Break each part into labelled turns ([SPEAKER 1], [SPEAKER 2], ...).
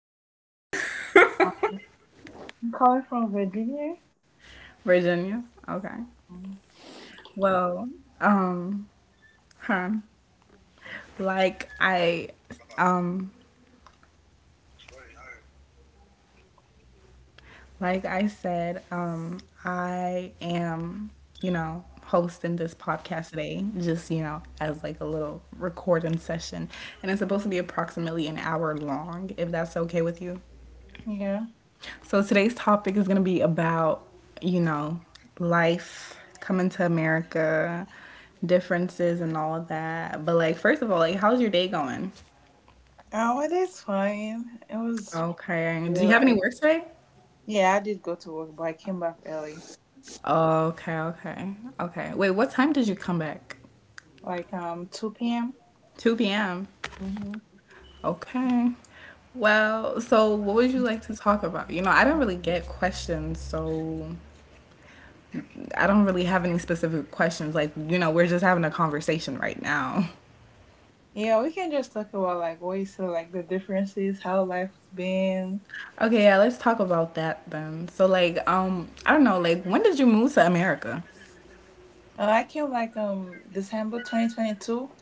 [SPEAKER 1] from?
[SPEAKER 2] I'm calling from Virginia.
[SPEAKER 1] Virginia. Okay. Well, um, huh. Like I um like I said, I am, hosting this podcast today, just, as like a little recording session. And it's supposed to be approximately an hour long, if that's okay with you.
[SPEAKER 2] Yeah.
[SPEAKER 1] So today's topic is going to be about, you know, life coming to America, differences and all of that. But like first of all, like how's your day going?
[SPEAKER 2] Weather's fine. It was
[SPEAKER 1] Okay. Do you
[SPEAKER 2] chill.
[SPEAKER 1] have any work today?
[SPEAKER 2] Yeah, I did go to work, but I came back early,
[SPEAKER 1] Okay, okay. Okay. Wait, what time did you come back?
[SPEAKER 2] like 2 p.m.
[SPEAKER 1] 2 p.m.
[SPEAKER 2] Hmm.
[SPEAKER 1] Okay. Well, so what would you like to talk about? I don't really get questions, so I don't really have any specific questions. Like, we're just having a conversation right now.
[SPEAKER 2] Yeah, we can just talk about like what you said, like the differences, how life's been.
[SPEAKER 1] Okay, yeah, let's talk about that then. So like, I don't know, like when did you move to America?
[SPEAKER 2] I came like December 2022.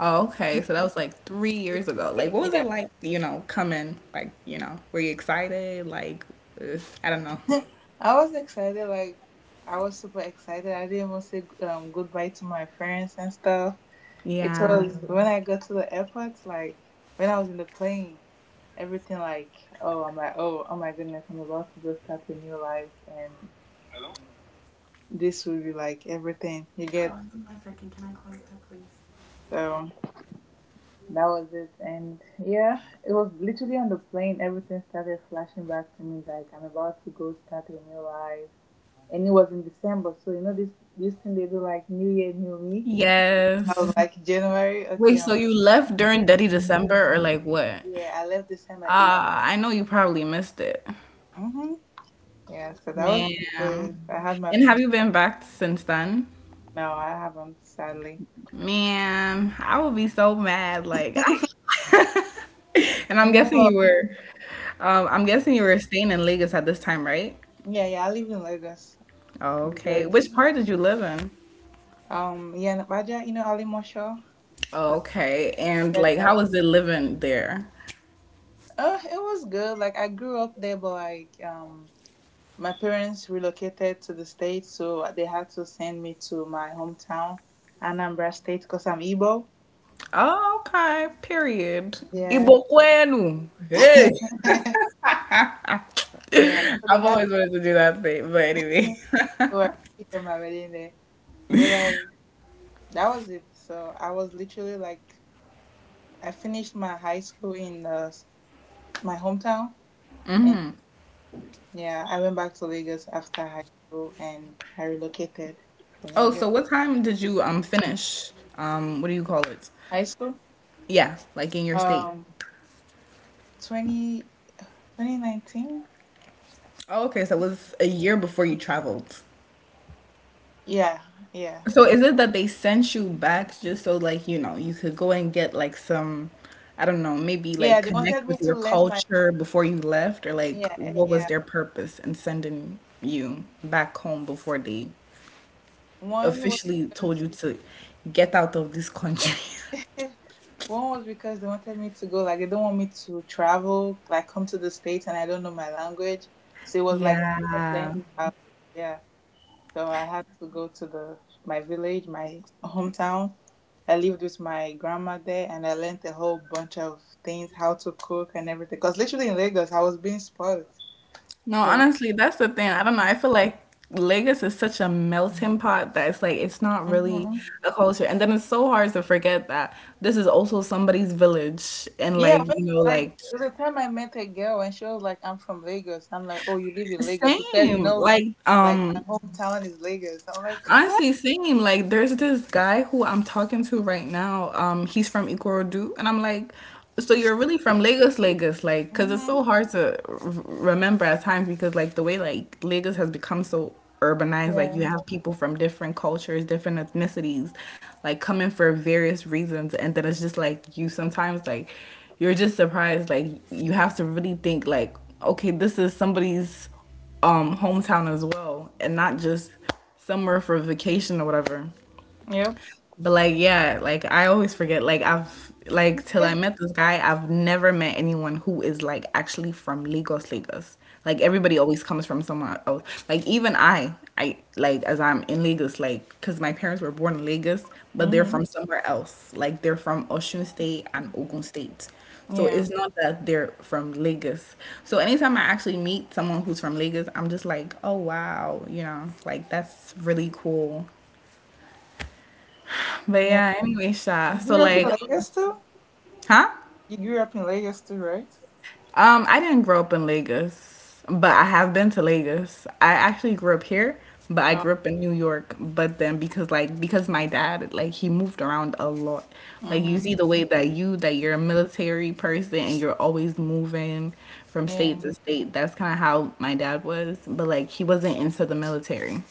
[SPEAKER 1] Oh, okay. So that was like 3 years ago. Like what was
[SPEAKER 2] Yeah.
[SPEAKER 1] it like, coming? Like, were you excited? Like I don't know.
[SPEAKER 2] I was excited, like I was super excited. I didn't want to say goodbye to my friends and stuff. It
[SPEAKER 1] Yeah.
[SPEAKER 2] was when I got to the airport, like when I was in the plane, everything like, oh, I'm like, oh, oh my goodness, I'm about to go start a new life, and this will be like everything you get. So that was it, and yeah, it was literally on the plane. Everything started flashing back to me, like I'm about to go start a new life, and it was in December. So you know this thing they do like New Year, New Me. I was
[SPEAKER 1] Yes.
[SPEAKER 2] like January,
[SPEAKER 1] Wait,
[SPEAKER 2] okay,
[SPEAKER 1] so you left during Dirty December or like what?
[SPEAKER 2] yeah, I left December
[SPEAKER 1] Ah, I know you probably missed it.
[SPEAKER 2] 8th. Yeah, so that was basically
[SPEAKER 1] Man.
[SPEAKER 2] I had my
[SPEAKER 1] And have
[SPEAKER 2] first.
[SPEAKER 1] you been back since then?
[SPEAKER 2] No, I haven't, sadly.
[SPEAKER 1] Man, I would be so mad. Like,
[SPEAKER 2] I
[SPEAKER 1] And I'm guessing
[SPEAKER 2] know.
[SPEAKER 1] you were, I'm guessing you were staying in Lagos at this time, right?
[SPEAKER 2] Yeah, yeah, I live in Lagos, New York.
[SPEAKER 1] Okay. Which part did you live in?
[SPEAKER 2] Yeah, Nabaja, you know Ali Mosho?
[SPEAKER 1] Okay. And like, how was it living there?
[SPEAKER 2] It was good. Like I grew up there but like my parents relocated to the States so they had to send me to my hometown, Anambra State, because I'm Igbo.
[SPEAKER 1] Oh, okay. Period.
[SPEAKER 2] Yeah.
[SPEAKER 1] Ibokwenu. Hey.
[SPEAKER 2] Yeah. So they
[SPEAKER 1] I've
[SPEAKER 2] had
[SPEAKER 1] always wanted to do that thing, but
[SPEAKER 2] to
[SPEAKER 1] anyway.
[SPEAKER 2] work on my wedding day. But like, that was it. So I was literally like, I finished my high school in my hometown, and yeah, I went back to Lagos after high school, and I relocated from
[SPEAKER 1] Oh,
[SPEAKER 2] Lagos.
[SPEAKER 1] so what time did you finish? What do you call it?
[SPEAKER 2] High school,
[SPEAKER 1] Yeah, like in your state.
[SPEAKER 2] um, 20 2019.
[SPEAKER 1] Oh, okay. So it was a year before you traveled.
[SPEAKER 2] Yeah, yeah,
[SPEAKER 1] So is it that they sent you back just so like, you could go and get like some, I don't know, maybe
[SPEAKER 2] yeah.
[SPEAKER 1] like
[SPEAKER 2] They wanted
[SPEAKER 1] connect
[SPEAKER 2] me
[SPEAKER 1] with
[SPEAKER 2] to
[SPEAKER 1] your
[SPEAKER 2] learn my.
[SPEAKER 1] culture before you left? Or like
[SPEAKER 2] Yeah,
[SPEAKER 1] what was
[SPEAKER 2] yeah.
[SPEAKER 1] their purpose in sending you back home before they
[SPEAKER 2] One was
[SPEAKER 1] officially told
[SPEAKER 2] because
[SPEAKER 1] you to get out of this country?
[SPEAKER 2] one was because they wanted me to go like they don't want me to travel like come to the states and I don't know my language, so it was like plan
[SPEAKER 1] Yeah.
[SPEAKER 2] this out. Yeah. So I had to go to the my village, my hometown. I lived with my grandma there, and I learned a whole bunch of things, how to cook and everything. Cause literally in Lagos, I was being spoiled.
[SPEAKER 1] No,
[SPEAKER 2] So like,
[SPEAKER 1] honestly, that's the thing. I don't know. I feel like Lagos is such a melting pot that it's like it's not really
[SPEAKER 2] hmm
[SPEAKER 1] a culture. And then it's so hard to forget that this is also somebody's village and
[SPEAKER 2] yeah,
[SPEAKER 1] like,
[SPEAKER 2] like
[SPEAKER 1] like
[SPEAKER 2] there was a time I met a girl, and she was like, "I'm from Lagos." I'm like, "Oh, you live in Lagos?" She said,
[SPEAKER 1] same.
[SPEAKER 2] "No,
[SPEAKER 1] Like
[SPEAKER 2] like my hometown is Lagos." I'm like, "What?"
[SPEAKER 1] honestly, same. Like, there's this guy who I'm talking to right now. He's from Ikorodu, and I'm like, so you're really from Lagos, Lagos, like, because it's
[SPEAKER 2] Hmm.
[SPEAKER 1] so hard to remember at times because like the way like Lagos has become so urbanized, like you
[SPEAKER 2] Yeah.
[SPEAKER 1] have people from different cultures, different ethnicities, like coming for various reasons, and then it's just like you sometimes like you're just surprised, like you have to really think like, okay, this is somebody's hometown as well, and not just somewhere for vacation or whatever.
[SPEAKER 2] Yep.
[SPEAKER 1] But like, yeah, like I always forget. Like I've like till I met this guy, I've never met anyone who is like actually from Lagos, Lagos. Like everybody always comes from somewhere else. Like even I like as I'm in Lagos, like because my parents were born in Lagos, but they're
[SPEAKER 2] Hmm.
[SPEAKER 1] from somewhere else. Like they're from Osun State and Ogun State. So
[SPEAKER 2] Yeah.
[SPEAKER 1] it's not that they're from Lagos. So anytime I actually meet someone who's from Lagos, I'm just like, oh wow, like that's really cool. But
[SPEAKER 2] Yeah.
[SPEAKER 1] yeah, anyway, Sha.
[SPEAKER 2] You
[SPEAKER 1] So
[SPEAKER 2] grew up in
[SPEAKER 1] like,
[SPEAKER 2] Lagos too?
[SPEAKER 1] huh?
[SPEAKER 2] You grew up in Lagos too, right?
[SPEAKER 1] I didn't grow up in Lagos, but I have been to Lagos. I actually grew up here, but I grew up in New York. But then because like because my dad like he moved around a lot. Like you see the
[SPEAKER 2] Mm-hmm.
[SPEAKER 1] way that you're a military person and you're always moving from
[SPEAKER 2] Yeah.
[SPEAKER 1] state to state. That's kind of how my dad was, but like he wasn't into the military.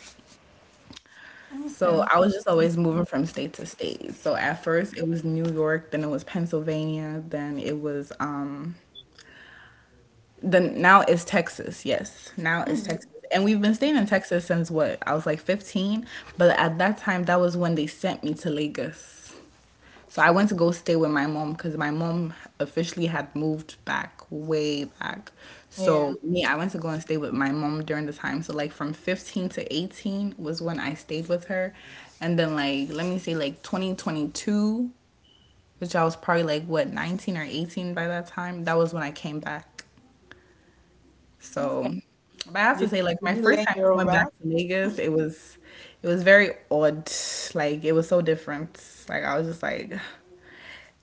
[SPEAKER 1] So
[SPEAKER 2] Okay.
[SPEAKER 1] I was just always moving from state to state. So at first it was New York, then it was Pennsylvania, then it was then now is Texas. Yes, now is Texas. And we've been staying in Texas since what? I was like 15, but at that time that was when they sent me to Lagos. So I went to go stay with my mom because my mom officially had moved back way back.
[SPEAKER 2] Yeah.
[SPEAKER 1] So me, I went to go and stay with my mom during the time. So like from 15 to 18 was when I stayed with her. And then like let me say like 2022, which I was probably like what 19 or 18 by that time. That was when I came back.
[SPEAKER 2] Okay.
[SPEAKER 1] So, but I have to
[SPEAKER 2] Did,
[SPEAKER 1] say, like
[SPEAKER 2] did
[SPEAKER 1] my
[SPEAKER 2] you
[SPEAKER 1] first
[SPEAKER 2] learn
[SPEAKER 1] time going back
[SPEAKER 2] Yoruba?
[SPEAKER 1] to Vegas, it was very odd. Like it was so different. Like I was just like,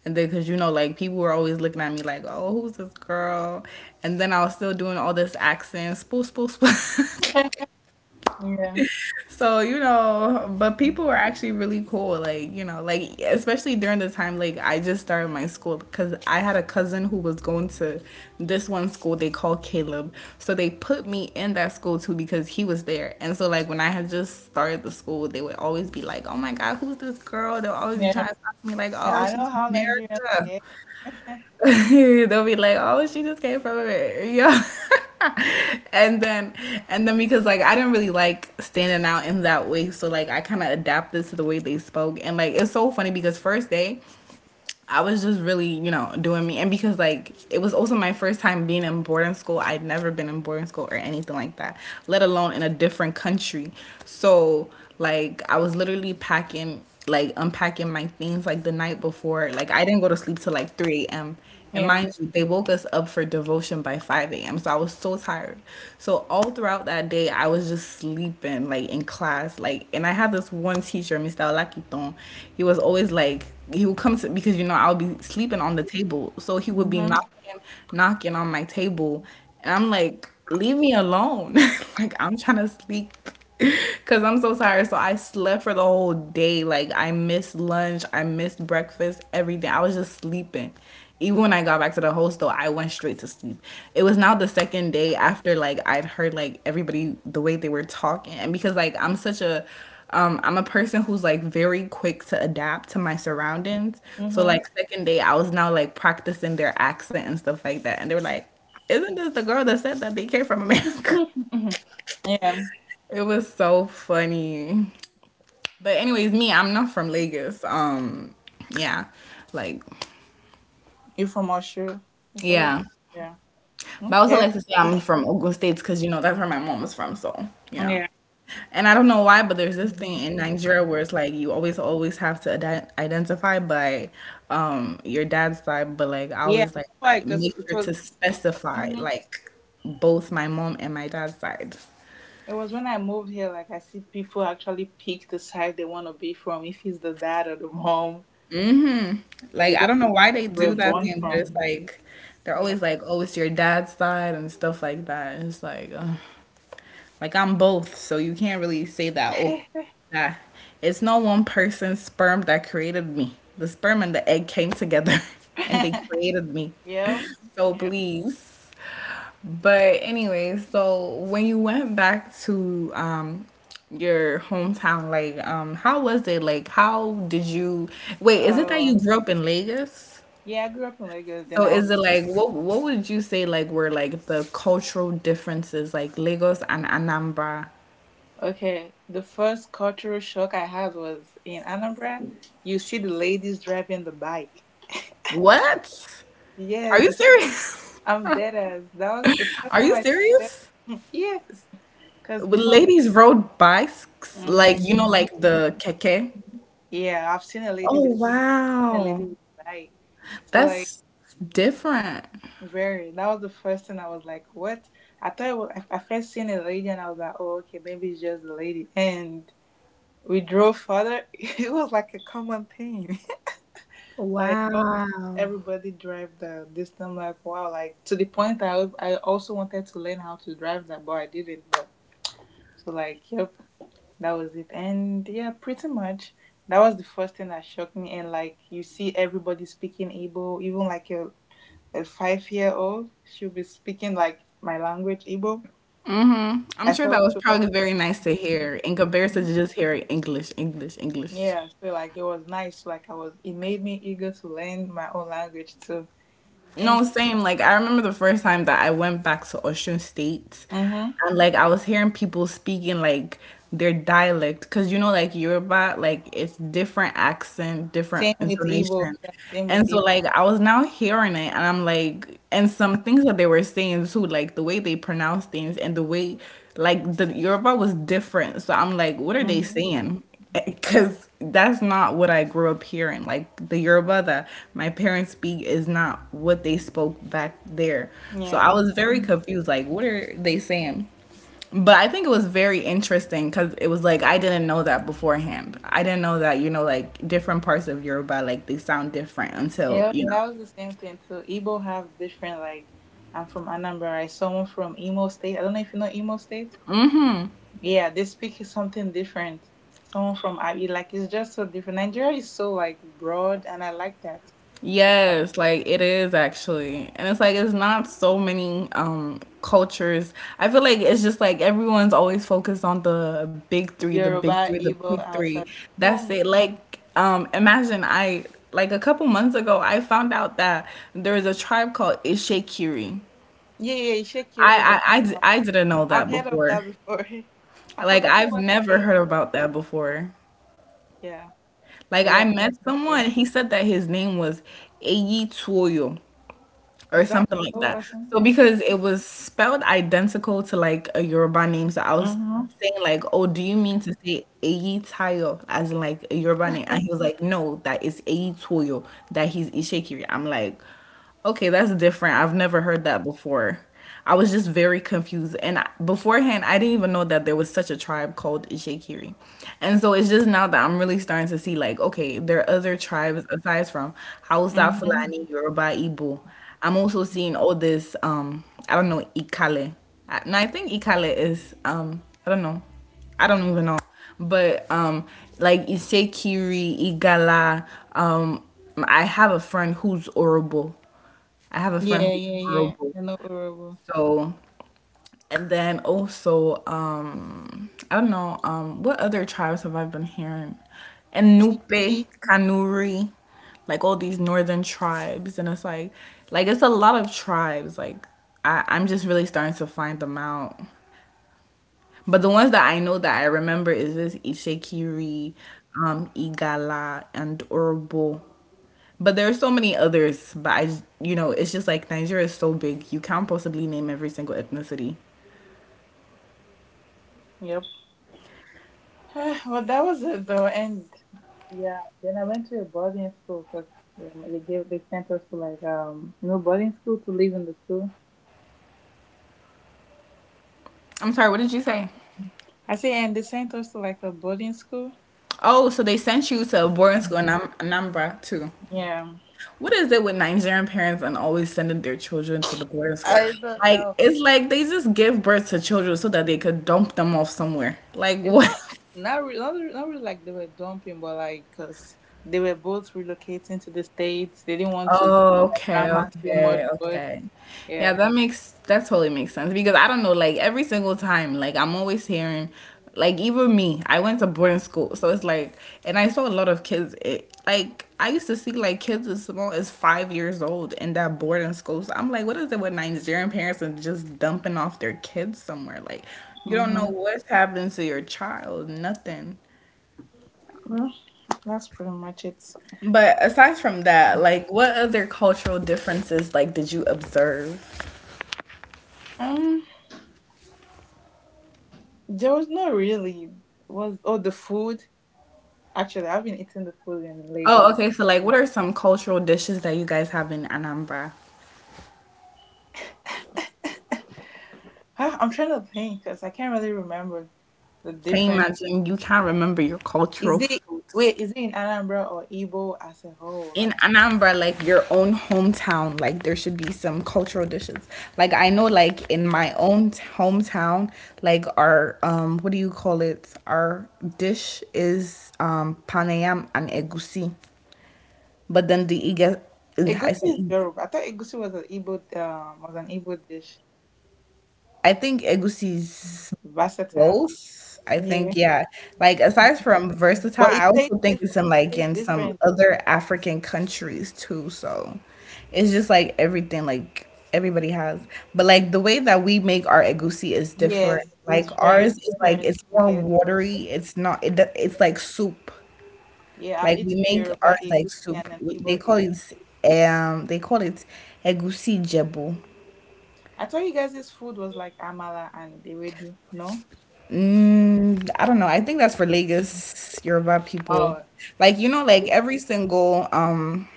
[SPEAKER 1] and then because like people were always looking at me like, oh, who's this girl? And then I was still doing all this accent, spool, spool, spool.
[SPEAKER 2] Yeah.
[SPEAKER 1] So but people were actually really cool like like especially during the time like I just started my school because I had a cousin who was going to this one school they call Caleb. So they put me in that school too because he was there. And so like when I had just started the school they would always be like oh my god who's this girl. They'll always be
[SPEAKER 2] Yeah.
[SPEAKER 1] trying to talk to me like
[SPEAKER 2] I
[SPEAKER 1] oh
[SPEAKER 2] I know
[SPEAKER 1] she's from
[SPEAKER 2] how Nigerians,
[SPEAKER 1] America.
[SPEAKER 2] yeah.
[SPEAKER 1] They'll be like, "Oh, she just came from it, yeah." And then, and then because like I didn't really like standing out in that way, so like I kind of adapted to the way they spoke, and like it's so funny because first day, I was just really doing me, and because like it was also my first time being in boarding school. I'd never been in boarding school or anything like that, let alone in a different country. So like I was literally packing like unpacking my things like the night before. Like I didn't go to sleep till like 3 a.m. And mind
[SPEAKER 2] Yeah.
[SPEAKER 1] you, they woke us up for devotion by 5 a.m. So I was so tired. So all throughout that day, I was just sleeping, like in class. Like, and I had this one teacher, Mr. Olakiton. He was always like, he would come to, because, I'll be sleeping on the table. So he would be
[SPEAKER 2] Mm-hmm.
[SPEAKER 1] knocking on my table. And I'm like, leave me alone. Like, I'm trying to sleep. Cause I'm so tired. So I slept for the whole day. Like I missed lunch. I missed breakfast. Everything. I was just sleeping. Even when I got back to the hostel, I went straight to sleep. It was now the second day after like I'd heard like everybody the way they were talking, and because like I'm such a I'm a person who's like very quick to adapt to my surroundings. So
[SPEAKER 2] Mm-hmm.
[SPEAKER 1] like second day, I was now like practicing their accent and stuff like that, and they were like, "Isn't this the girl that said that they came from America?"
[SPEAKER 2] Yeah.
[SPEAKER 1] It was so funny. But anyways, me, I'm not from Lagos. Yeah, like
[SPEAKER 2] You from Oshu. You say you.
[SPEAKER 1] yeah.
[SPEAKER 2] Yeah.
[SPEAKER 1] But I also
[SPEAKER 2] Okay.
[SPEAKER 1] like to say I'm from Ogun States because that's where my mom was from. So
[SPEAKER 2] Yeah.
[SPEAKER 1] and I don't know why, but there's this thing in Nigeria where it's like you always always have to identify by your dad's side, but like I
[SPEAKER 2] Yeah.
[SPEAKER 1] always like
[SPEAKER 2] Why? Because
[SPEAKER 1] make
[SPEAKER 2] it
[SPEAKER 1] sure to
[SPEAKER 2] was.
[SPEAKER 1] specify
[SPEAKER 2] Mhm.
[SPEAKER 1] like both my mom and my dad's side.
[SPEAKER 2] It was when I moved here, like I see people actually pick the side they want to be from, if it's the dad or the mom, or
[SPEAKER 1] Like
[SPEAKER 2] they
[SPEAKER 1] I
[SPEAKER 2] just
[SPEAKER 1] don't know why
[SPEAKER 2] pick
[SPEAKER 1] they
[SPEAKER 2] where
[SPEAKER 1] do
[SPEAKER 2] they were
[SPEAKER 1] that
[SPEAKER 2] born
[SPEAKER 1] thing, but it's
[SPEAKER 2] from.
[SPEAKER 1] like they're
[SPEAKER 2] Yeah.
[SPEAKER 1] always like, oh, it's your dad's side and stuff like that. And it's like. Ugh. Like I'm both, so you can't really say that. Oh, that it's not one person's sperm that created me. The sperm and the egg came together, and they created me.
[SPEAKER 2] Yeah.
[SPEAKER 1] So
[SPEAKER 2] Yeah.
[SPEAKER 1] please. But anyway, so when you went back to your hometown, like how was it? Like how did you wait, is it that
[SPEAKER 2] Uh,
[SPEAKER 1] you grew up in Lagos?
[SPEAKER 2] yeah, I grew up in Lagos. Then
[SPEAKER 1] So
[SPEAKER 2] I
[SPEAKER 1] is
[SPEAKER 2] only.
[SPEAKER 1] it like what would you say like were like the cultural differences like Lagos and Anambra?
[SPEAKER 2] Okay, the first cultural shock I had was in Anambra. You see the ladies driving the bike.
[SPEAKER 1] What? Are
[SPEAKER 2] Yes,
[SPEAKER 1] you
[SPEAKER 2] you see.
[SPEAKER 1] serious?
[SPEAKER 2] I'm dead as that was the first
[SPEAKER 1] Are
[SPEAKER 2] time
[SPEAKER 1] you
[SPEAKER 2] I see that.
[SPEAKER 1] serious?
[SPEAKER 2] Yes, because
[SPEAKER 1] Well,
[SPEAKER 2] before,
[SPEAKER 1] ladies rode bikes, like
[SPEAKER 2] hmm
[SPEAKER 1] like the keke.
[SPEAKER 2] yeah, I've seen a lady with
[SPEAKER 1] Oh wow,
[SPEAKER 2] a bike. So like,
[SPEAKER 1] that's different.
[SPEAKER 2] very. That was the first thing I was like, what? I thought it was I first seen a lady and I was like, oh okay, maybe it's just a lady. And we drove further. It was like a common thing. Like, oh,
[SPEAKER 1] Wow.
[SPEAKER 2] everybody drive the this thing. Like wow, like to the point that I also wanted to learn how to drive that, but I didn't know. So like yep, that was it. And yeah, pretty much that was the first thing that shocked me. And like you see everybody speaking Igbo, even like a 5-year old, she'll be speaking like my language Igbo.
[SPEAKER 1] I'm
[SPEAKER 2] I
[SPEAKER 1] sure that
[SPEAKER 2] felt
[SPEAKER 1] was
[SPEAKER 2] so,
[SPEAKER 1] probably very nice to hear in comparison to just hearing English, English, English.
[SPEAKER 2] yeah, so like it was nice. Like I was, it made me eager to learn my own language too. And.
[SPEAKER 1] No, same. Like I remember the first time that I went back to Osun State,
[SPEAKER 2] Mm-hmm.
[SPEAKER 1] and like I was hearing people speaking like their dialect, because you know, like Yoruba, like it's different accent, different
[SPEAKER 2] Same with Igbo.
[SPEAKER 1] intonation,
[SPEAKER 2] Yeah, same with
[SPEAKER 1] and so
[SPEAKER 2] Igbo.
[SPEAKER 1] like I was now hearing it, and I'm like, and some things that they were saying too, like the way they pronounce things and the way, like the Yoruba was different. So I'm like, what are they
[SPEAKER 2] Mm-hmm.
[SPEAKER 1] saying? Because that's not what I grew up hearing. Like the Yoruba that my parents speak is not what they spoke back there. So I
[SPEAKER 2] Yeah.
[SPEAKER 1] was very
[SPEAKER 2] Mm.
[SPEAKER 1] confused. Like, what are they saying? But I think it was very interesting because it was like I didn't know that beforehand. I didn't know that, you know, like different parts of Yoruba like they sound different until
[SPEAKER 2] Yeah,
[SPEAKER 1] you know.
[SPEAKER 2] that was the same thing too. Igbo have different, like I'm from Anambra, right? Someone from Imo State. I don't know if you know Imo State. Yeah, they speak something different. Someone from Abi, like it's just so different. Nigeria is so like broad and I like that.
[SPEAKER 1] Yes, like it is actually. And it's like it's not so many cultures. I feel like it's just like everyone's always focused on the big three, the big three,
[SPEAKER 2] Yoruba,
[SPEAKER 1] the
[SPEAKER 2] Igbo,
[SPEAKER 1] big three.
[SPEAKER 2] Hausa, so
[SPEAKER 1] That's it.
[SPEAKER 2] many.
[SPEAKER 1] Like imagine I like a couple months ago I found out that there's a tribe called Ishikiri.
[SPEAKER 2] Yeah, yeah, Ishekiri is like
[SPEAKER 1] I didn't know
[SPEAKER 2] I've
[SPEAKER 1] that
[SPEAKER 2] heard of
[SPEAKER 1] before.
[SPEAKER 2] that before. I
[SPEAKER 1] Like
[SPEAKER 2] forgot to
[SPEAKER 1] I've
[SPEAKER 2] what
[SPEAKER 1] never
[SPEAKER 2] state.
[SPEAKER 1] heard about that before.
[SPEAKER 2] Yeah.
[SPEAKER 1] Like
[SPEAKER 2] But
[SPEAKER 1] I
[SPEAKER 2] yeah.
[SPEAKER 1] met someone, he
[SPEAKER 2] Ishekiri.
[SPEAKER 1] said that his name was Eyi Tuoyo, or
[SPEAKER 2] Is that
[SPEAKER 1] something like
[SPEAKER 2] oh
[SPEAKER 1] that.
[SPEAKER 2] or
[SPEAKER 1] So
[SPEAKER 2] something?
[SPEAKER 1] because it was spelled identical to like a Yoruba name, so I was
[SPEAKER 2] Mm-hmm.
[SPEAKER 1] saying like, "Oh, do you mean to say Eyi Tayo as in like a Yoruba name?" And
[SPEAKER 2] Okay.
[SPEAKER 1] he was like, "No, that is Eyi Toyo. That he's Ishekiri." I'm like, "Okay, that's different. I've never heard that before." I was just very confused, and beforehand, I didn't even know that there was such a tribe called Ishekiri, and so it's just now that I'm really starting to see like, okay, there are other tribes aside from Hausa,
[SPEAKER 2] Mm-hmm.
[SPEAKER 1] Fulani, Yoruba, Igbo. I'm also seeing all this. I don't know ikale. No, I think ikale is. I don't know. I don't even know. But like isekiri, igala. Um, I have a friend who's orobo. I have a friend
[SPEAKER 2] Yeah,
[SPEAKER 1] who's
[SPEAKER 2] yeah, yeah.
[SPEAKER 1] orobo.
[SPEAKER 2] I know Urobo.
[SPEAKER 1] So and then also, I don't know, what other tribes have I been hearing? And
[SPEAKER 2] T.
[SPEAKER 1] Nupe, Kanuri, like all these northern tribes, and it's like it's a lot of tribes. Like I'm just really starting to find them out. But the ones that I know that I remember is this Ishikiri, Igala, and Urbo. But there are so many others. But you know, it's just like Nigeria is so big. You can't possibly name every single ethnicity.
[SPEAKER 2] Yep. Well, that was it though, and yeah. Then I went to a boarding school because yeah, they sent us to like boarding school to live in the school.
[SPEAKER 1] I'm sorry. What did you say?
[SPEAKER 2] I say, and they sent us to like a boarding school.
[SPEAKER 1] Oh, so they sent you to a boarding school in Anam- Anambra too.
[SPEAKER 2] Yeah.
[SPEAKER 1] What is it with Nigerian parents and always sending their children to the boarding school?
[SPEAKER 2] I don't
[SPEAKER 1] Like
[SPEAKER 2] know.
[SPEAKER 1] it's like they just give birth to children so that they could dump them off somewhere. Like
[SPEAKER 2] It's
[SPEAKER 1] what?
[SPEAKER 2] not not re- not, re- not really like they were dumping, but like because they were both relocating to the states. They didn't want to give
[SPEAKER 1] Oh,
[SPEAKER 2] their
[SPEAKER 1] okay,
[SPEAKER 2] grandma so much
[SPEAKER 1] okay,
[SPEAKER 2] work.
[SPEAKER 1] okay. Yeah,
[SPEAKER 2] Yeah.
[SPEAKER 1] that totally makes sense because I don't know, like every single time, like I'm always hearing, like even me, I went to boarding school, so it's like, and I saw a lot of kids. Like I used to see like kids as small as 5 years old in that boarding school. So I'm like, what is it with Nigerian parents and just dumping off their kids somewhere? Like you don't know
[SPEAKER 2] Mm-hmm.
[SPEAKER 1] what's happening to your child, nothing.
[SPEAKER 2] Well, that's pretty much it.
[SPEAKER 1] But aside from that, like what other cultural differences like did you observe?
[SPEAKER 2] Um, there was not really. Was Oh, the food. Actually, I've been eating the food in Lagos.
[SPEAKER 1] Oh, okay. So, like, what are some cultural dishes that you guys have in Anambra?
[SPEAKER 2] Huh, I'm trying to think because I can't really remember the
[SPEAKER 1] Can you
[SPEAKER 2] difference.
[SPEAKER 1] imagine you can't remember your
[SPEAKER 2] Is
[SPEAKER 1] cultural
[SPEAKER 2] it,
[SPEAKER 1] foods?
[SPEAKER 2] wait? Is it in Anambra or Igbo as a whole?
[SPEAKER 1] In
[SPEAKER 2] Like
[SPEAKER 1] Anambra, like your own hometown, like there should be some cultural dishes. Like I know, like in my own hometown, like our what do you call it? Our dish is panayam and egusi, but then the Iga, I
[SPEAKER 2] egusi
[SPEAKER 1] say,
[SPEAKER 2] is
[SPEAKER 1] ig-
[SPEAKER 2] Yoruba. I thought egusi was an Igbo dish.
[SPEAKER 1] I think egusi is
[SPEAKER 2] Versatile.
[SPEAKER 1] both. I
[SPEAKER 2] Yeah,
[SPEAKER 1] think, yeah. Like aside from versatile,
[SPEAKER 2] but
[SPEAKER 1] I
[SPEAKER 2] it
[SPEAKER 1] also
[SPEAKER 2] tastes
[SPEAKER 1] think it's
[SPEAKER 2] different.
[SPEAKER 1] in
[SPEAKER 2] It
[SPEAKER 1] like
[SPEAKER 2] tastes
[SPEAKER 1] in some
[SPEAKER 2] different.
[SPEAKER 1] other African countries too. So it's just like everything like everybody has. But like the way that we make our egusi is different.
[SPEAKER 2] Yes,
[SPEAKER 1] Like
[SPEAKER 2] it's
[SPEAKER 1] ours
[SPEAKER 2] very
[SPEAKER 1] is like
[SPEAKER 2] different.
[SPEAKER 1] it's more
[SPEAKER 2] Yes.
[SPEAKER 1] watery. It's not it's like soup.
[SPEAKER 2] Yeah, I've
[SPEAKER 1] Like we
[SPEAKER 2] eaten a
[SPEAKER 1] make
[SPEAKER 2] Yoruba
[SPEAKER 1] ours like
[SPEAKER 2] egusi
[SPEAKER 1] soup.
[SPEAKER 2] and an
[SPEAKER 1] They
[SPEAKER 2] Igbo
[SPEAKER 1] call
[SPEAKER 2] egusi.
[SPEAKER 1] it um they call it egusi jebu.
[SPEAKER 2] I thought you guys' this food was like amala and ewedu, no?
[SPEAKER 1] Mm, I don't know. I think that's for Lagos Yoruba people.
[SPEAKER 2] Oh.
[SPEAKER 1] Like you know, like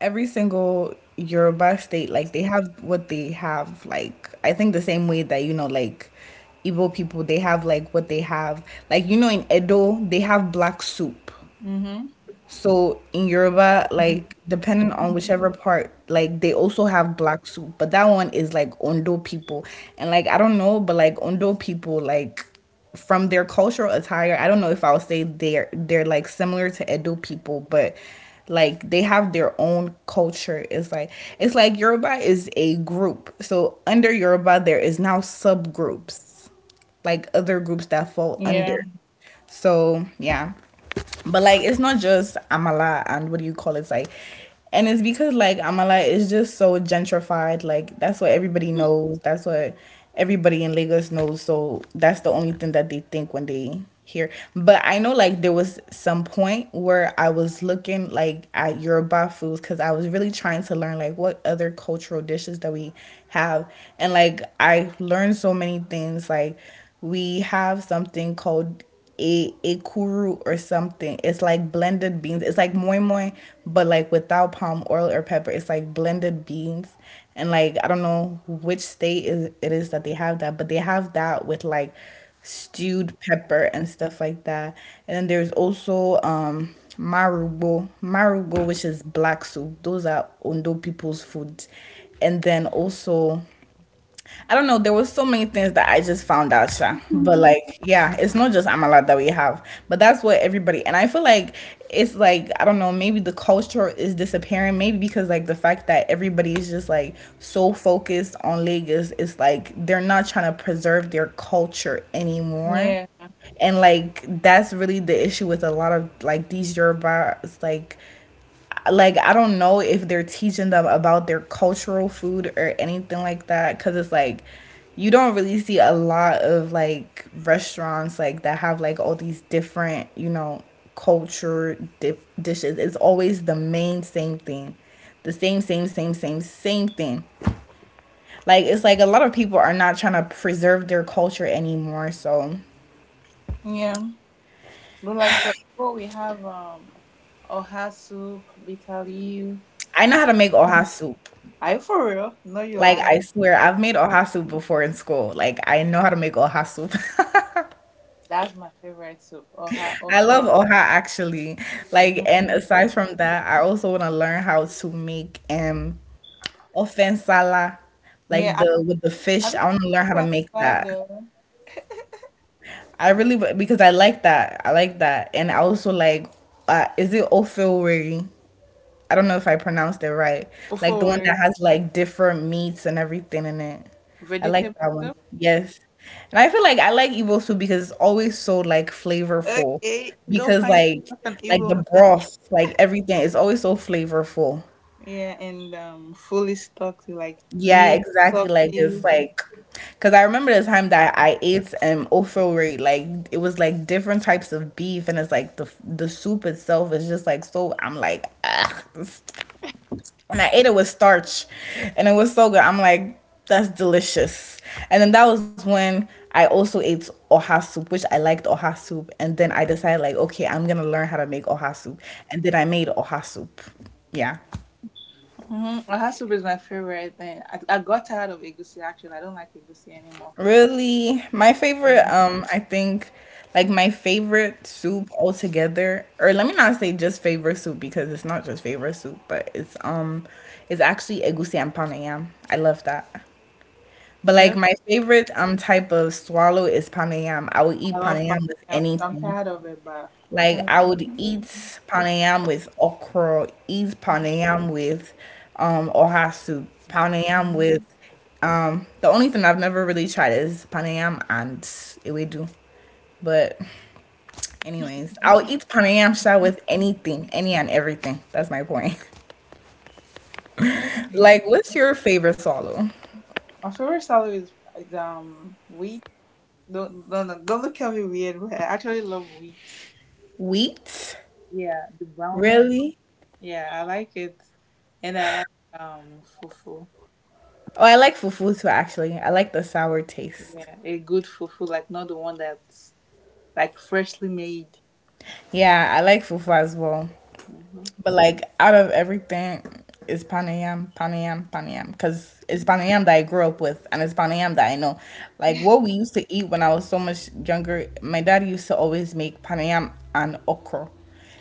[SPEAKER 1] every single Yoruba state, like they have what they have. Like I think the same way that you know, like Igbo people, they have like what they have. Like you know, in Edo, they have black soup.
[SPEAKER 2] Mm-hmm.
[SPEAKER 1] So in Yoruba, like depending on whichever part, like they also have black soup, but that one is like Ondo people. And like I don't know, but like Ondo people, like from their cultural attire, I don't know if I would say they're like similar to Edo people, but like they have their own culture. It's like Yoruba is a group. So under Yoruba there is now subgroups like other groups that fall
[SPEAKER 2] Yeah.
[SPEAKER 1] under. So yeah. But like it's not just Amala and what do you call it? It's like and it's because like Amala is just so gentrified, like that's what everybody
[SPEAKER 2] Mhm.
[SPEAKER 1] knows. That's what everybody in Lagos knows. So that's the only thing that they think when they hear. But I know like there was some point where I was looking like at Yoruba foods because I was really trying to learn like what other cultural dishes that we have. And like I learned so many things like we have something called a ekuru or something. It's like blended beans. It's like moi moi, but like without palm oil or pepper. It's like blended beans, and like I don't know which state is it is that they have that, but they have that with like stewed pepper and stuff like that. And then there's also marugo, which is black soup. Those are Ondo people's food, and then also I don't know. There was so many things that I just found out, Sha. But like, yeah, it's not just Amala that we have, but that's what everybody. And I feel like it's like I don't know. Maybe the culture is disappearing. Maybe because like the fact that everybody is just like so focused on Lagos, it's like they're not trying to preserve their culture anymore.
[SPEAKER 2] Yeah.
[SPEAKER 1] And like that's really the issue with a lot of like these Yoruba like I don't know if they're teaching them about their cultural food or anything like that cuz it's like you don't really see a lot of like restaurants like that have like all these different, you know, culture dip dishes. It's always the main same thing. The same same same same same thing. Like it's like a lot of people are not trying to preserve their culture anymore. So
[SPEAKER 2] Yeah. But like for Igbo, we have oha soup, bitter leaf.
[SPEAKER 1] I know how to make oha soup.
[SPEAKER 2] Are you for real? No, you
[SPEAKER 1] Like
[SPEAKER 2] lying.
[SPEAKER 1] I swear I've made oha soup before in school. Like I know how to make oha soup.
[SPEAKER 2] That's my favorite soup. Oha
[SPEAKER 1] I love
[SPEAKER 2] okra.
[SPEAKER 1] Oha actually. Like, and
[SPEAKER 2] Mm-hmm.
[SPEAKER 1] aside from that, I also want to learn how to make offensala,
[SPEAKER 2] Yeah,
[SPEAKER 1] like
[SPEAKER 2] I,
[SPEAKER 1] the with the
[SPEAKER 2] I
[SPEAKER 1] fish.
[SPEAKER 2] don't
[SPEAKER 1] I want
[SPEAKER 2] like
[SPEAKER 1] to learn how to
[SPEAKER 2] open
[SPEAKER 1] make
[SPEAKER 2] salad
[SPEAKER 1] that.
[SPEAKER 2] though.
[SPEAKER 1] I really because I like that. I like that, and I also like, is it ofewere? I don't know if I pronounced it right.
[SPEAKER 2] Ofo,
[SPEAKER 1] Like the one that has like different meats and everything in it. I like
[SPEAKER 2] vegetable
[SPEAKER 1] that one.
[SPEAKER 2] soup.
[SPEAKER 1] Yes. And I feel like I like Igbo food because it's always so like flavorful.
[SPEAKER 2] Okay, go
[SPEAKER 1] Because
[SPEAKER 2] find
[SPEAKER 1] like
[SPEAKER 2] yourself an
[SPEAKER 1] like the
[SPEAKER 2] Igbo man.
[SPEAKER 1] broth, like everything is always so flavorful.
[SPEAKER 2] Yeah, and fully stocked like
[SPEAKER 1] Yeah,
[SPEAKER 2] meat,
[SPEAKER 1] exactly. Like it's
[SPEAKER 2] coffee.
[SPEAKER 1] like because I remember the time that I ate ofori, like it was like different types of beef, and it's like the soup itself is just like so. I'm like, ah, and I ate it with starch, and it was so good. I'm like, that's delicious. And then that was when I also ate oha soup, which I liked oha soup. And then I decided like, okay, I'm gonna learn how to make oha soup. And then I made oha soup. Yeah.
[SPEAKER 2] Her soup is my favorite thing. I got tired of egusi actually. I don't like egusi anymore.
[SPEAKER 1] Really, my favorite,
[SPEAKER 2] Yeah.
[SPEAKER 1] I think like my favorite soup altogether, or let me not say just favorite soup because it's not just favorite soup, but it's actually egusi and panayam. I love that. But like
[SPEAKER 2] Yep.
[SPEAKER 1] my favorite type of swallow is panayam. I would
[SPEAKER 2] I
[SPEAKER 1] eat
[SPEAKER 2] love
[SPEAKER 1] panayam
[SPEAKER 2] pasta.
[SPEAKER 1] with
[SPEAKER 2] I'm
[SPEAKER 1] anything.
[SPEAKER 2] tired of it, but I'm
[SPEAKER 1] Like
[SPEAKER 2] tired
[SPEAKER 1] I
[SPEAKER 2] of
[SPEAKER 1] would eat panayam with okra, eat panayam with oha soup,
[SPEAKER 2] it.
[SPEAKER 1] panayam with
[SPEAKER 2] Mhm.
[SPEAKER 1] the only thing I've never really tried is panayam and ewedu. But anyways, I'll eat panayam sha with anything, any and everything. That's my point.
[SPEAKER 2] Yeah. Mhm.
[SPEAKER 1] Like what's your favorite swallow?
[SPEAKER 2] My favorite salad is wheat. Don't look at me weird. But I actually love wheat.
[SPEAKER 1] Wheat?
[SPEAKER 2] Yeah, the brown one.
[SPEAKER 1] Really?
[SPEAKER 2] Yeah, I like it, and I like fufu.
[SPEAKER 1] Oh, I like fufu too, actually. I like the sour taste.
[SPEAKER 2] Yeah, a good fufu, like not the one that, like freshly made.
[SPEAKER 1] Yeah, I like fufu as well.
[SPEAKER 2] Mm-hmm.
[SPEAKER 1] But like out of everything, it's panayam, panayam, panayam. Because it's panayam that I grew up with and it's panayam that I know. Like what we used to eat when I was so much younger, my dad used to always make panayam and okra.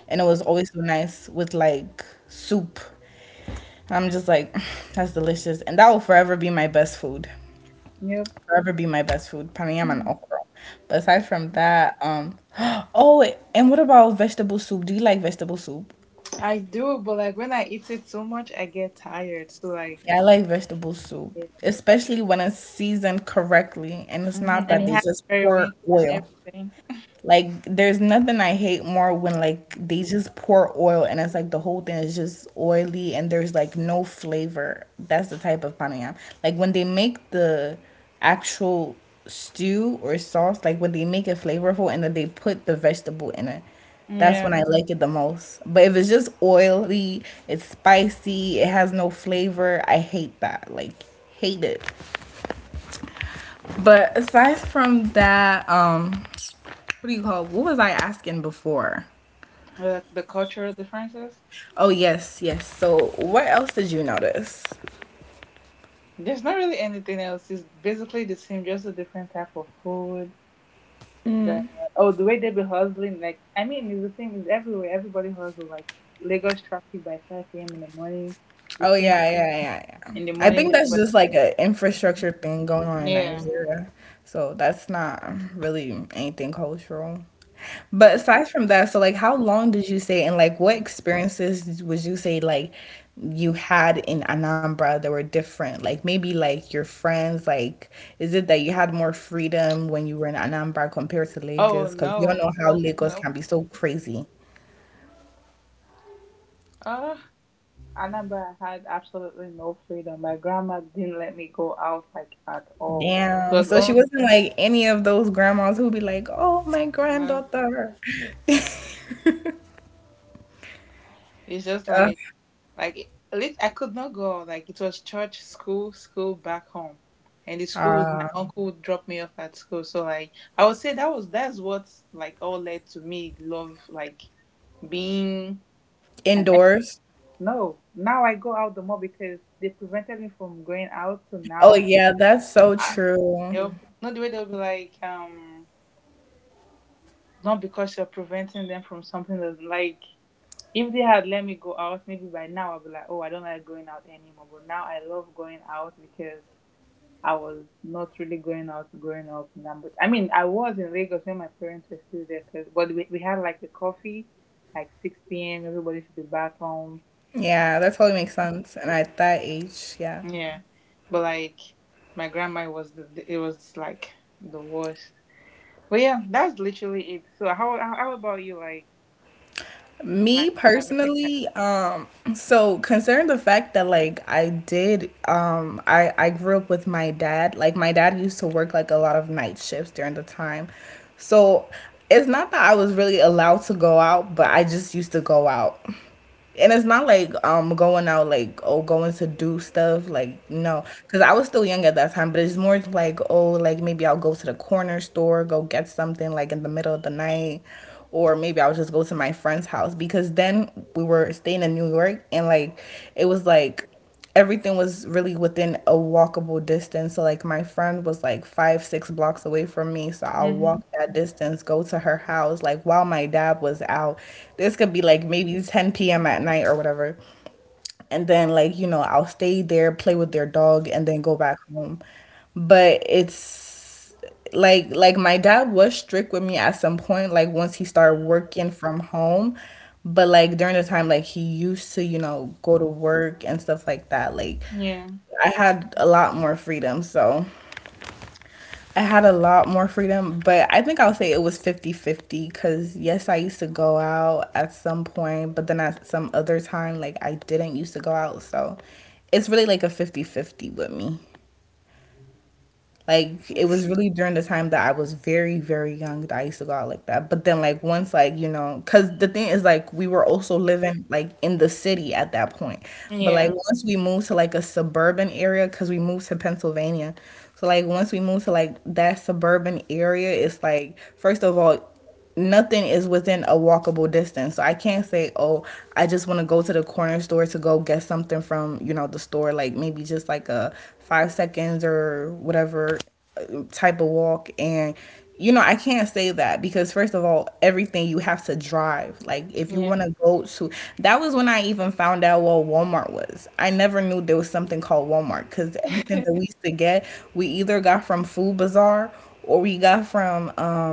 [SPEAKER 1] And it was always so nice with like soup. And I'm just like, that's delicious. And that will forever be my best food.
[SPEAKER 2] Yep.
[SPEAKER 1] forever be my best food. Pranayama and okra. But aside from that, oh, wait, and what about vegetable soup? Do you like vegetable soup?
[SPEAKER 2] I do, but like when I eat it so much, I get tired. So like,
[SPEAKER 1] Yeah, I like vegetable soup,
[SPEAKER 2] yeah.
[SPEAKER 1] especially when it's seasoned correctly and it's not
[SPEAKER 2] And
[SPEAKER 1] that
[SPEAKER 2] it
[SPEAKER 1] they
[SPEAKER 2] has
[SPEAKER 1] just
[SPEAKER 2] very
[SPEAKER 1] pour
[SPEAKER 2] wrinkles and
[SPEAKER 1] oil.
[SPEAKER 2] everything.
[SPEAKER 1] Like there's nothing I hate more when like they just pour oil and it's like the whole thing is just oily and there's like no flavor. That's the type of panayam. Like when they make the actual stew or sauce, like when they make it flavorful and then they put the vegetable in it. That's
[SPEAKER 2] Yeah.
[SPEAKER 1] when I like it the most. But if it's just oily, it's spicy, it has no flavor, I hate that. Like hate it. But aside from that, what do you call? What was I asking before?
[SPEAKER 2] The cultural differences.
[SPEAKER 1] Oh yes, yes. So what else did you notice?
[SPEAKER 2] There's not really anything else. It's basically the same, just a different type of food. The Oh, the way they be hustling. Like, I mean, it's the same. It's everywhere. Everybody hustles. Like Lagos traffic by five a.m. in the morning. The
[SPEAKER 1] Oh
[SPEAKER 2] same
[SPEAKER 1] yeah,
[SPEAKER 2] thing
[SPEAKER 1] yeah, yeah, yeah.
[SPEAKER 2] in the
[SPEAKER 1] I
[SPEAKER 2] morning.
[SPEAKER 1] think that's
[SPEAKER 2] But
[SPEAKER 1] just like an infrastructure thing going on in
[SPEAKER 2] yeah,
[SPEAKER 1] Nigeria. So that's not really anything cultural. But
[SPEAKER 2] yeah.
[SPEAKER 1] aside from that, so like how long did you say and like what experiences would you say like you had in Anambra that were different? Like maybe like your friends, like is it that you had more freedom when you were in Anambra compared to
[SPEAKER 2] Oh
[SPEAKER 1] Lagos? Because you all
[SPEAKER 2] no,
[SPEAKER 1] know how
[SPEAKER 2] no,
[SPEAKER 1] Lagos
[SPEAKER 2] no.
[SPEAKER 1] can be so crazy.
[SPEAKER 2] Uh, I remember had absolutely no freedom. My grandma didn't let me go out like at all. It
[SPEAKER 1] Damn.
[SPEAKER 2] was
[SPEAKER 1] So she
[SPEAKER 2] only
[SPEAKER 1] wasn't like any of those grandmas who be like, "Oh, my
[SPEAKER 2] no.
[SPEAKER 1] granddaughter."
[SPEAKER 2] It's just
[SPEAKER 1] Ugh.
[SPEAKER 2] like like it, I could not go out. Like it was church, school, school, back home, and the school was my
[SPEAKER 1] Uh,
[SPEAKER 2] uncle would drop me off at school. So like I would say that's what like all led to me love like being an.
[SPEAKER 1] indoors.
[SPEAKER 2] No. Now I go out the more because they prevented me from going out. So
[SPEAKER 1] Oh
[SPEAKER 2] now
[SPEAKER 1] yeah, that's so
[SPEAKER 2] I,
[SPEAKER 1] true.
[SPEAKER 2] they'll, not the way they'll be like, not because you're preventing them from something that's like, if they had let me go out, maybe by now I'll be like, oh, I don't like going out anymore. But now I love going out because I was not really going out growing up in, I mean, I was in Lagos when my parents were still there, cause, but we had like a coffee, like 6 p.m., everybody should be back home.
[SPEAKER 1] Yeah, that totally makes sense. And at that age, yeah.
[SPEAKER 2] Yeah. But like, my grandma was the, it was like the worst. Well, yeah, that's literally it. So how about you? Like life
[SPEAKER 1] Me
[SPEAKER 2] in America.
[SPEAKER 1] personally, so concerning the fact that like I did, I grew up with my dad. Like my dad used to work like a lot of night shifts during the time, so it's not that I was really allowed to go out, but I just used to go out. And it's not like going out like, oh, going to do stuff, like no, because I was still young at that time, but it's more like, oh, like maybe I'll go to the corner store, go get something like in the middle of the night, or maybe I'll just go to my friend's house, because then we were staying in New York, and like it was like everything was really within a walkable distance. So like my friend was like 5, 6 blocks away from me. So I'll walk
[SPEAKER 2] Mm-hmm.
[SPEAKER 1] that distance, go to her house, like while my dad was out. This could be like maybe 10 p.m. at night or whatever, and then like, you know, I'll stay there, play with their dog, and then go back home. But it's like my dad was strict with me at some point, like once he started working from home. But like during the time like he used to, you know, go to work and stuff like that, like
[SPEAKER 2] Yeah.
[SPEAKER 1] I had a lot more freedom. So I had a lot more freedom, but I think I'll say it was fifty-fifty. Because yes, I used to go out at some point, but then at some other time, like I didn't used to go out. So it's really like a fifty-fifty with me. Like it was really during the time that I was very, very young that I used to go out like that. But then like once, like, you know, cause the thing is like we were also living like in the city at that point. But like
[SPEAKER 2] Yeah.
[SPEAKER 1] once we moved to like a suburban area, cause we moved to Pennsylvania. So like once we moved to like that suburban area, it's like, first of all, nothing is within a walkable distance. So I can't say, oh, I just want to go to the corner store to go get something from, you know, the store, like maybe just like a 5 seconds or whatever type of walk. And, you know, I can't say that because, first of all, everything you have to drive. Like, if you
[SPEAKER 2] Yeah.
[SPEAKER 1] want to go to, that was when I even found out what Walmart was. I never knew there was something called Walmart, because everything that we used to get, we either got from Food Bazaar or we got from,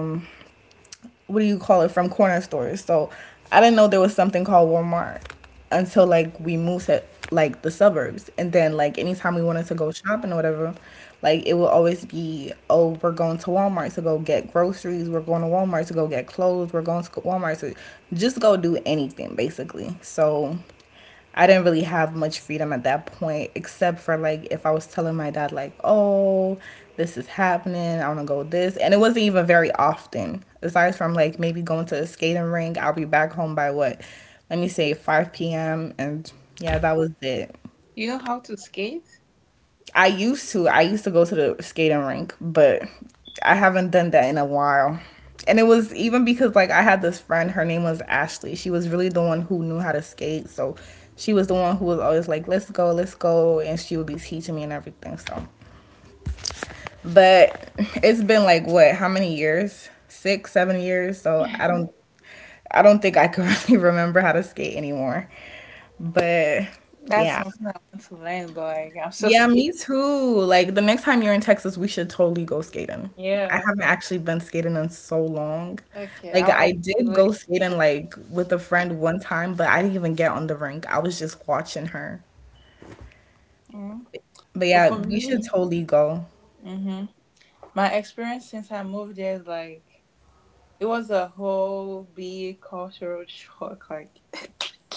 [SPEAKER 1] what do you call it, from corner stores. So I didn't know there was something called Walmart until like we moved to like the suburbs, and then like anytime we wanted to go shopping or whatever, like it would always be, oh, we're going to Walmart to go get groceries, we're going to Walmart to go get clothes, we're going to Walmart to just go do anything basically. So I didn't really have much freedom at that point, except for like if I was telling my dad, like, oh, this is happening, I wanna go with this. And it wasn't even very often. Aside from like maybe going to a skating rink, I'll be back home by what? Let me say 5 p.m. And yeah, that was it.
[SPEAKER 2] You know how to skate?
[SPEAKER 1] I used to. I used to go to the skating rink, but I haven't done that in a while. And it was even because like I had this friend, her name was Ashley. She was really the one who knew how to skate, so she was the one who was always like, let's go," and she would be teaching me and everything. So, but it's been like what? How many years? 6, 7 years. So I don't, I don't think I can really remember how to skate anymore. But
[SPEAKER 2] That's
[SPEAKER 1] yeah,
[SPEAKER 2] something I want to learn, but like I'm so
[SPEAKER 1] yeah,
[SPEAKER 2] scared.
[SPEAKER 1] me too. Like the next time you're in Texas, we should totally go skating. I
[SPEAKER 2] Yeah.
[SPEAKER 1] haven't actually been skating in so long.
[SPEAKER 2] Okay,
[SPEAKER 1] Like
[SPEAKER 2] I'll add
[SPEAKER 1] I
[SPEAKER 2] it to the
[SPEAKER 1] did
[SPEAKER 2] list.
[SPEAKER 1] go skating like with a friend one time, but I didn't even get on the rink. I was just watching her.
[SPEAKER 2] Mhm.
[SPEAKER 1] But
[SPEAKER 2] But for
[SPEAKER 1] yeah, we should
[SPEAKER 2] me,
[SPEAKER 1] totally go.
[SPEAKER 2] hmm my experience since I moved there is like it was a whole big cultural shock. Like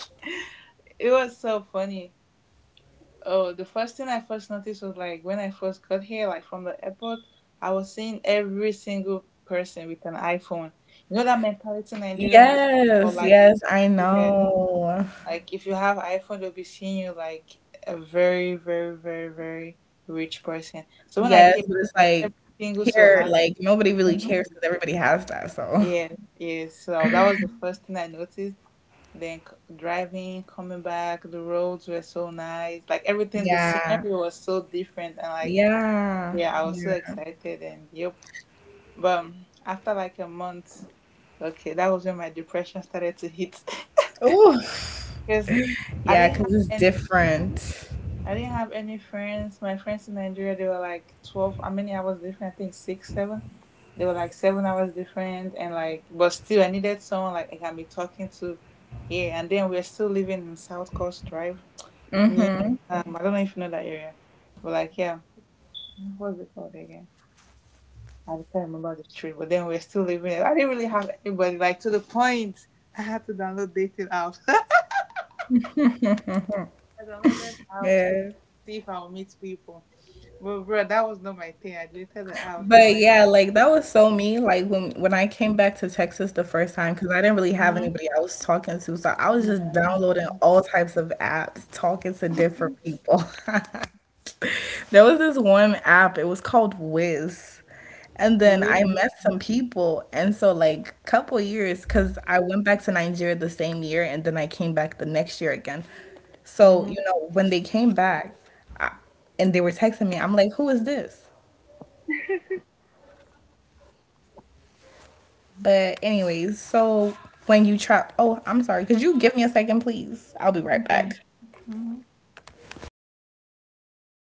[SPEAKER 2] it was so funny. Oh, the first thing I first noticed was like when I first got here, like from the airport, I was seeing every single person with an iPhone. You know that mentality Nigeria has, or
[SPEAKER 1] Yes,
[SPEAKER 2] like
[SPEAKER 1] yes, I
[SPEAKER 2] Nigeria,
[SPEAKER 1] know.
[SPEAKER 2] like if you have iPhone, they'll be seeing you like a very, very, very, very rich person. So when I
[SPEAKER 1] Yes,
[SPEAKER 2] came,
[SPEAKER 1] but it's
[SPEAKER 2] like
[SPEAKER 1] like
[SPEAKER 2] every single so
[SPEAKER 1] here,
[SPEAKER 2] had.
[SPEAKER 1] like nobody really cares because everybody has that. So
[SPEAKER 2] Yes, yes. So that was the first thing I noticed. Then driving, coming back, the roads were so nice. Like everything, the scenery
[SPEAKER 1] yeah,
[SPEAKER 2] was so different, and like
[SPEAKER 1] yeah,
[SPEAKER 2] yeah, I was so
[SPEAKER 1] yeah.
[SPEAKER 2] excited and yep. But after like a month, okay, that was when my depression started to hit.
[SPEAKER 1] Oh,
[SPEAKER 2] Because I
[SPEAKER 1] yeah,
[SPEAKER 2] didn't have
[SPEAKER 1] because it's
[SPEAKER 2] any,
[SPEAKER 1] different.
[SPEAKER 2] I didn't have any friends. My friends in Nigeria, they were like 12. How many hours different? I think six, seven. They were like 7 hours different, and like, but still, I needed someone like I can be talking to here. And then we're still living in South Coast Drive near. I don't know if you know that area, but like, yeah, what's it called again? At the time, I remember the trip, but then we were still living. I didn't really have anybody. Like to the point, I had to download dating apps. I downloaded apps to
[SPEAKER 1] Yeah.
[SPEAKER 2] like, see if I would meet people. But bro, that was not my thing. I deleted the apps. I'm
[SPEAKER 1] But
[SPEAKER 2] like,
[SPEAKER 1] yeah, like that was so me. Like when I came back to Texas the first time, because I didn't really have
[SPEAKER 2] mm-hmm,
[SPEAKER 1] anybody I was talking to, so I was just
[SPEAKER 2] yeah,
[SPEAKER 1] downloading all types of apps, talking to different people. There was this one app, it was called Wiz. And then I
[SPEAKER 2] really,
[SPEAKER 1] met some people, and so like couple years, because I went back to Nigeria the same year, and then I came back the next year again. So
[SPEAKER 2] mm-hmm,
[SPEAKER 1] you know when they came back, I, and they were texting me, I'm like, who is this? But anyways, so when you trap, oh, I'm sorry. Could you give me a second, please? I'll be right
[SPEAKER 2] okay,
[SPEAKER 1] back.
[SPEAKER 2] mm-hmm.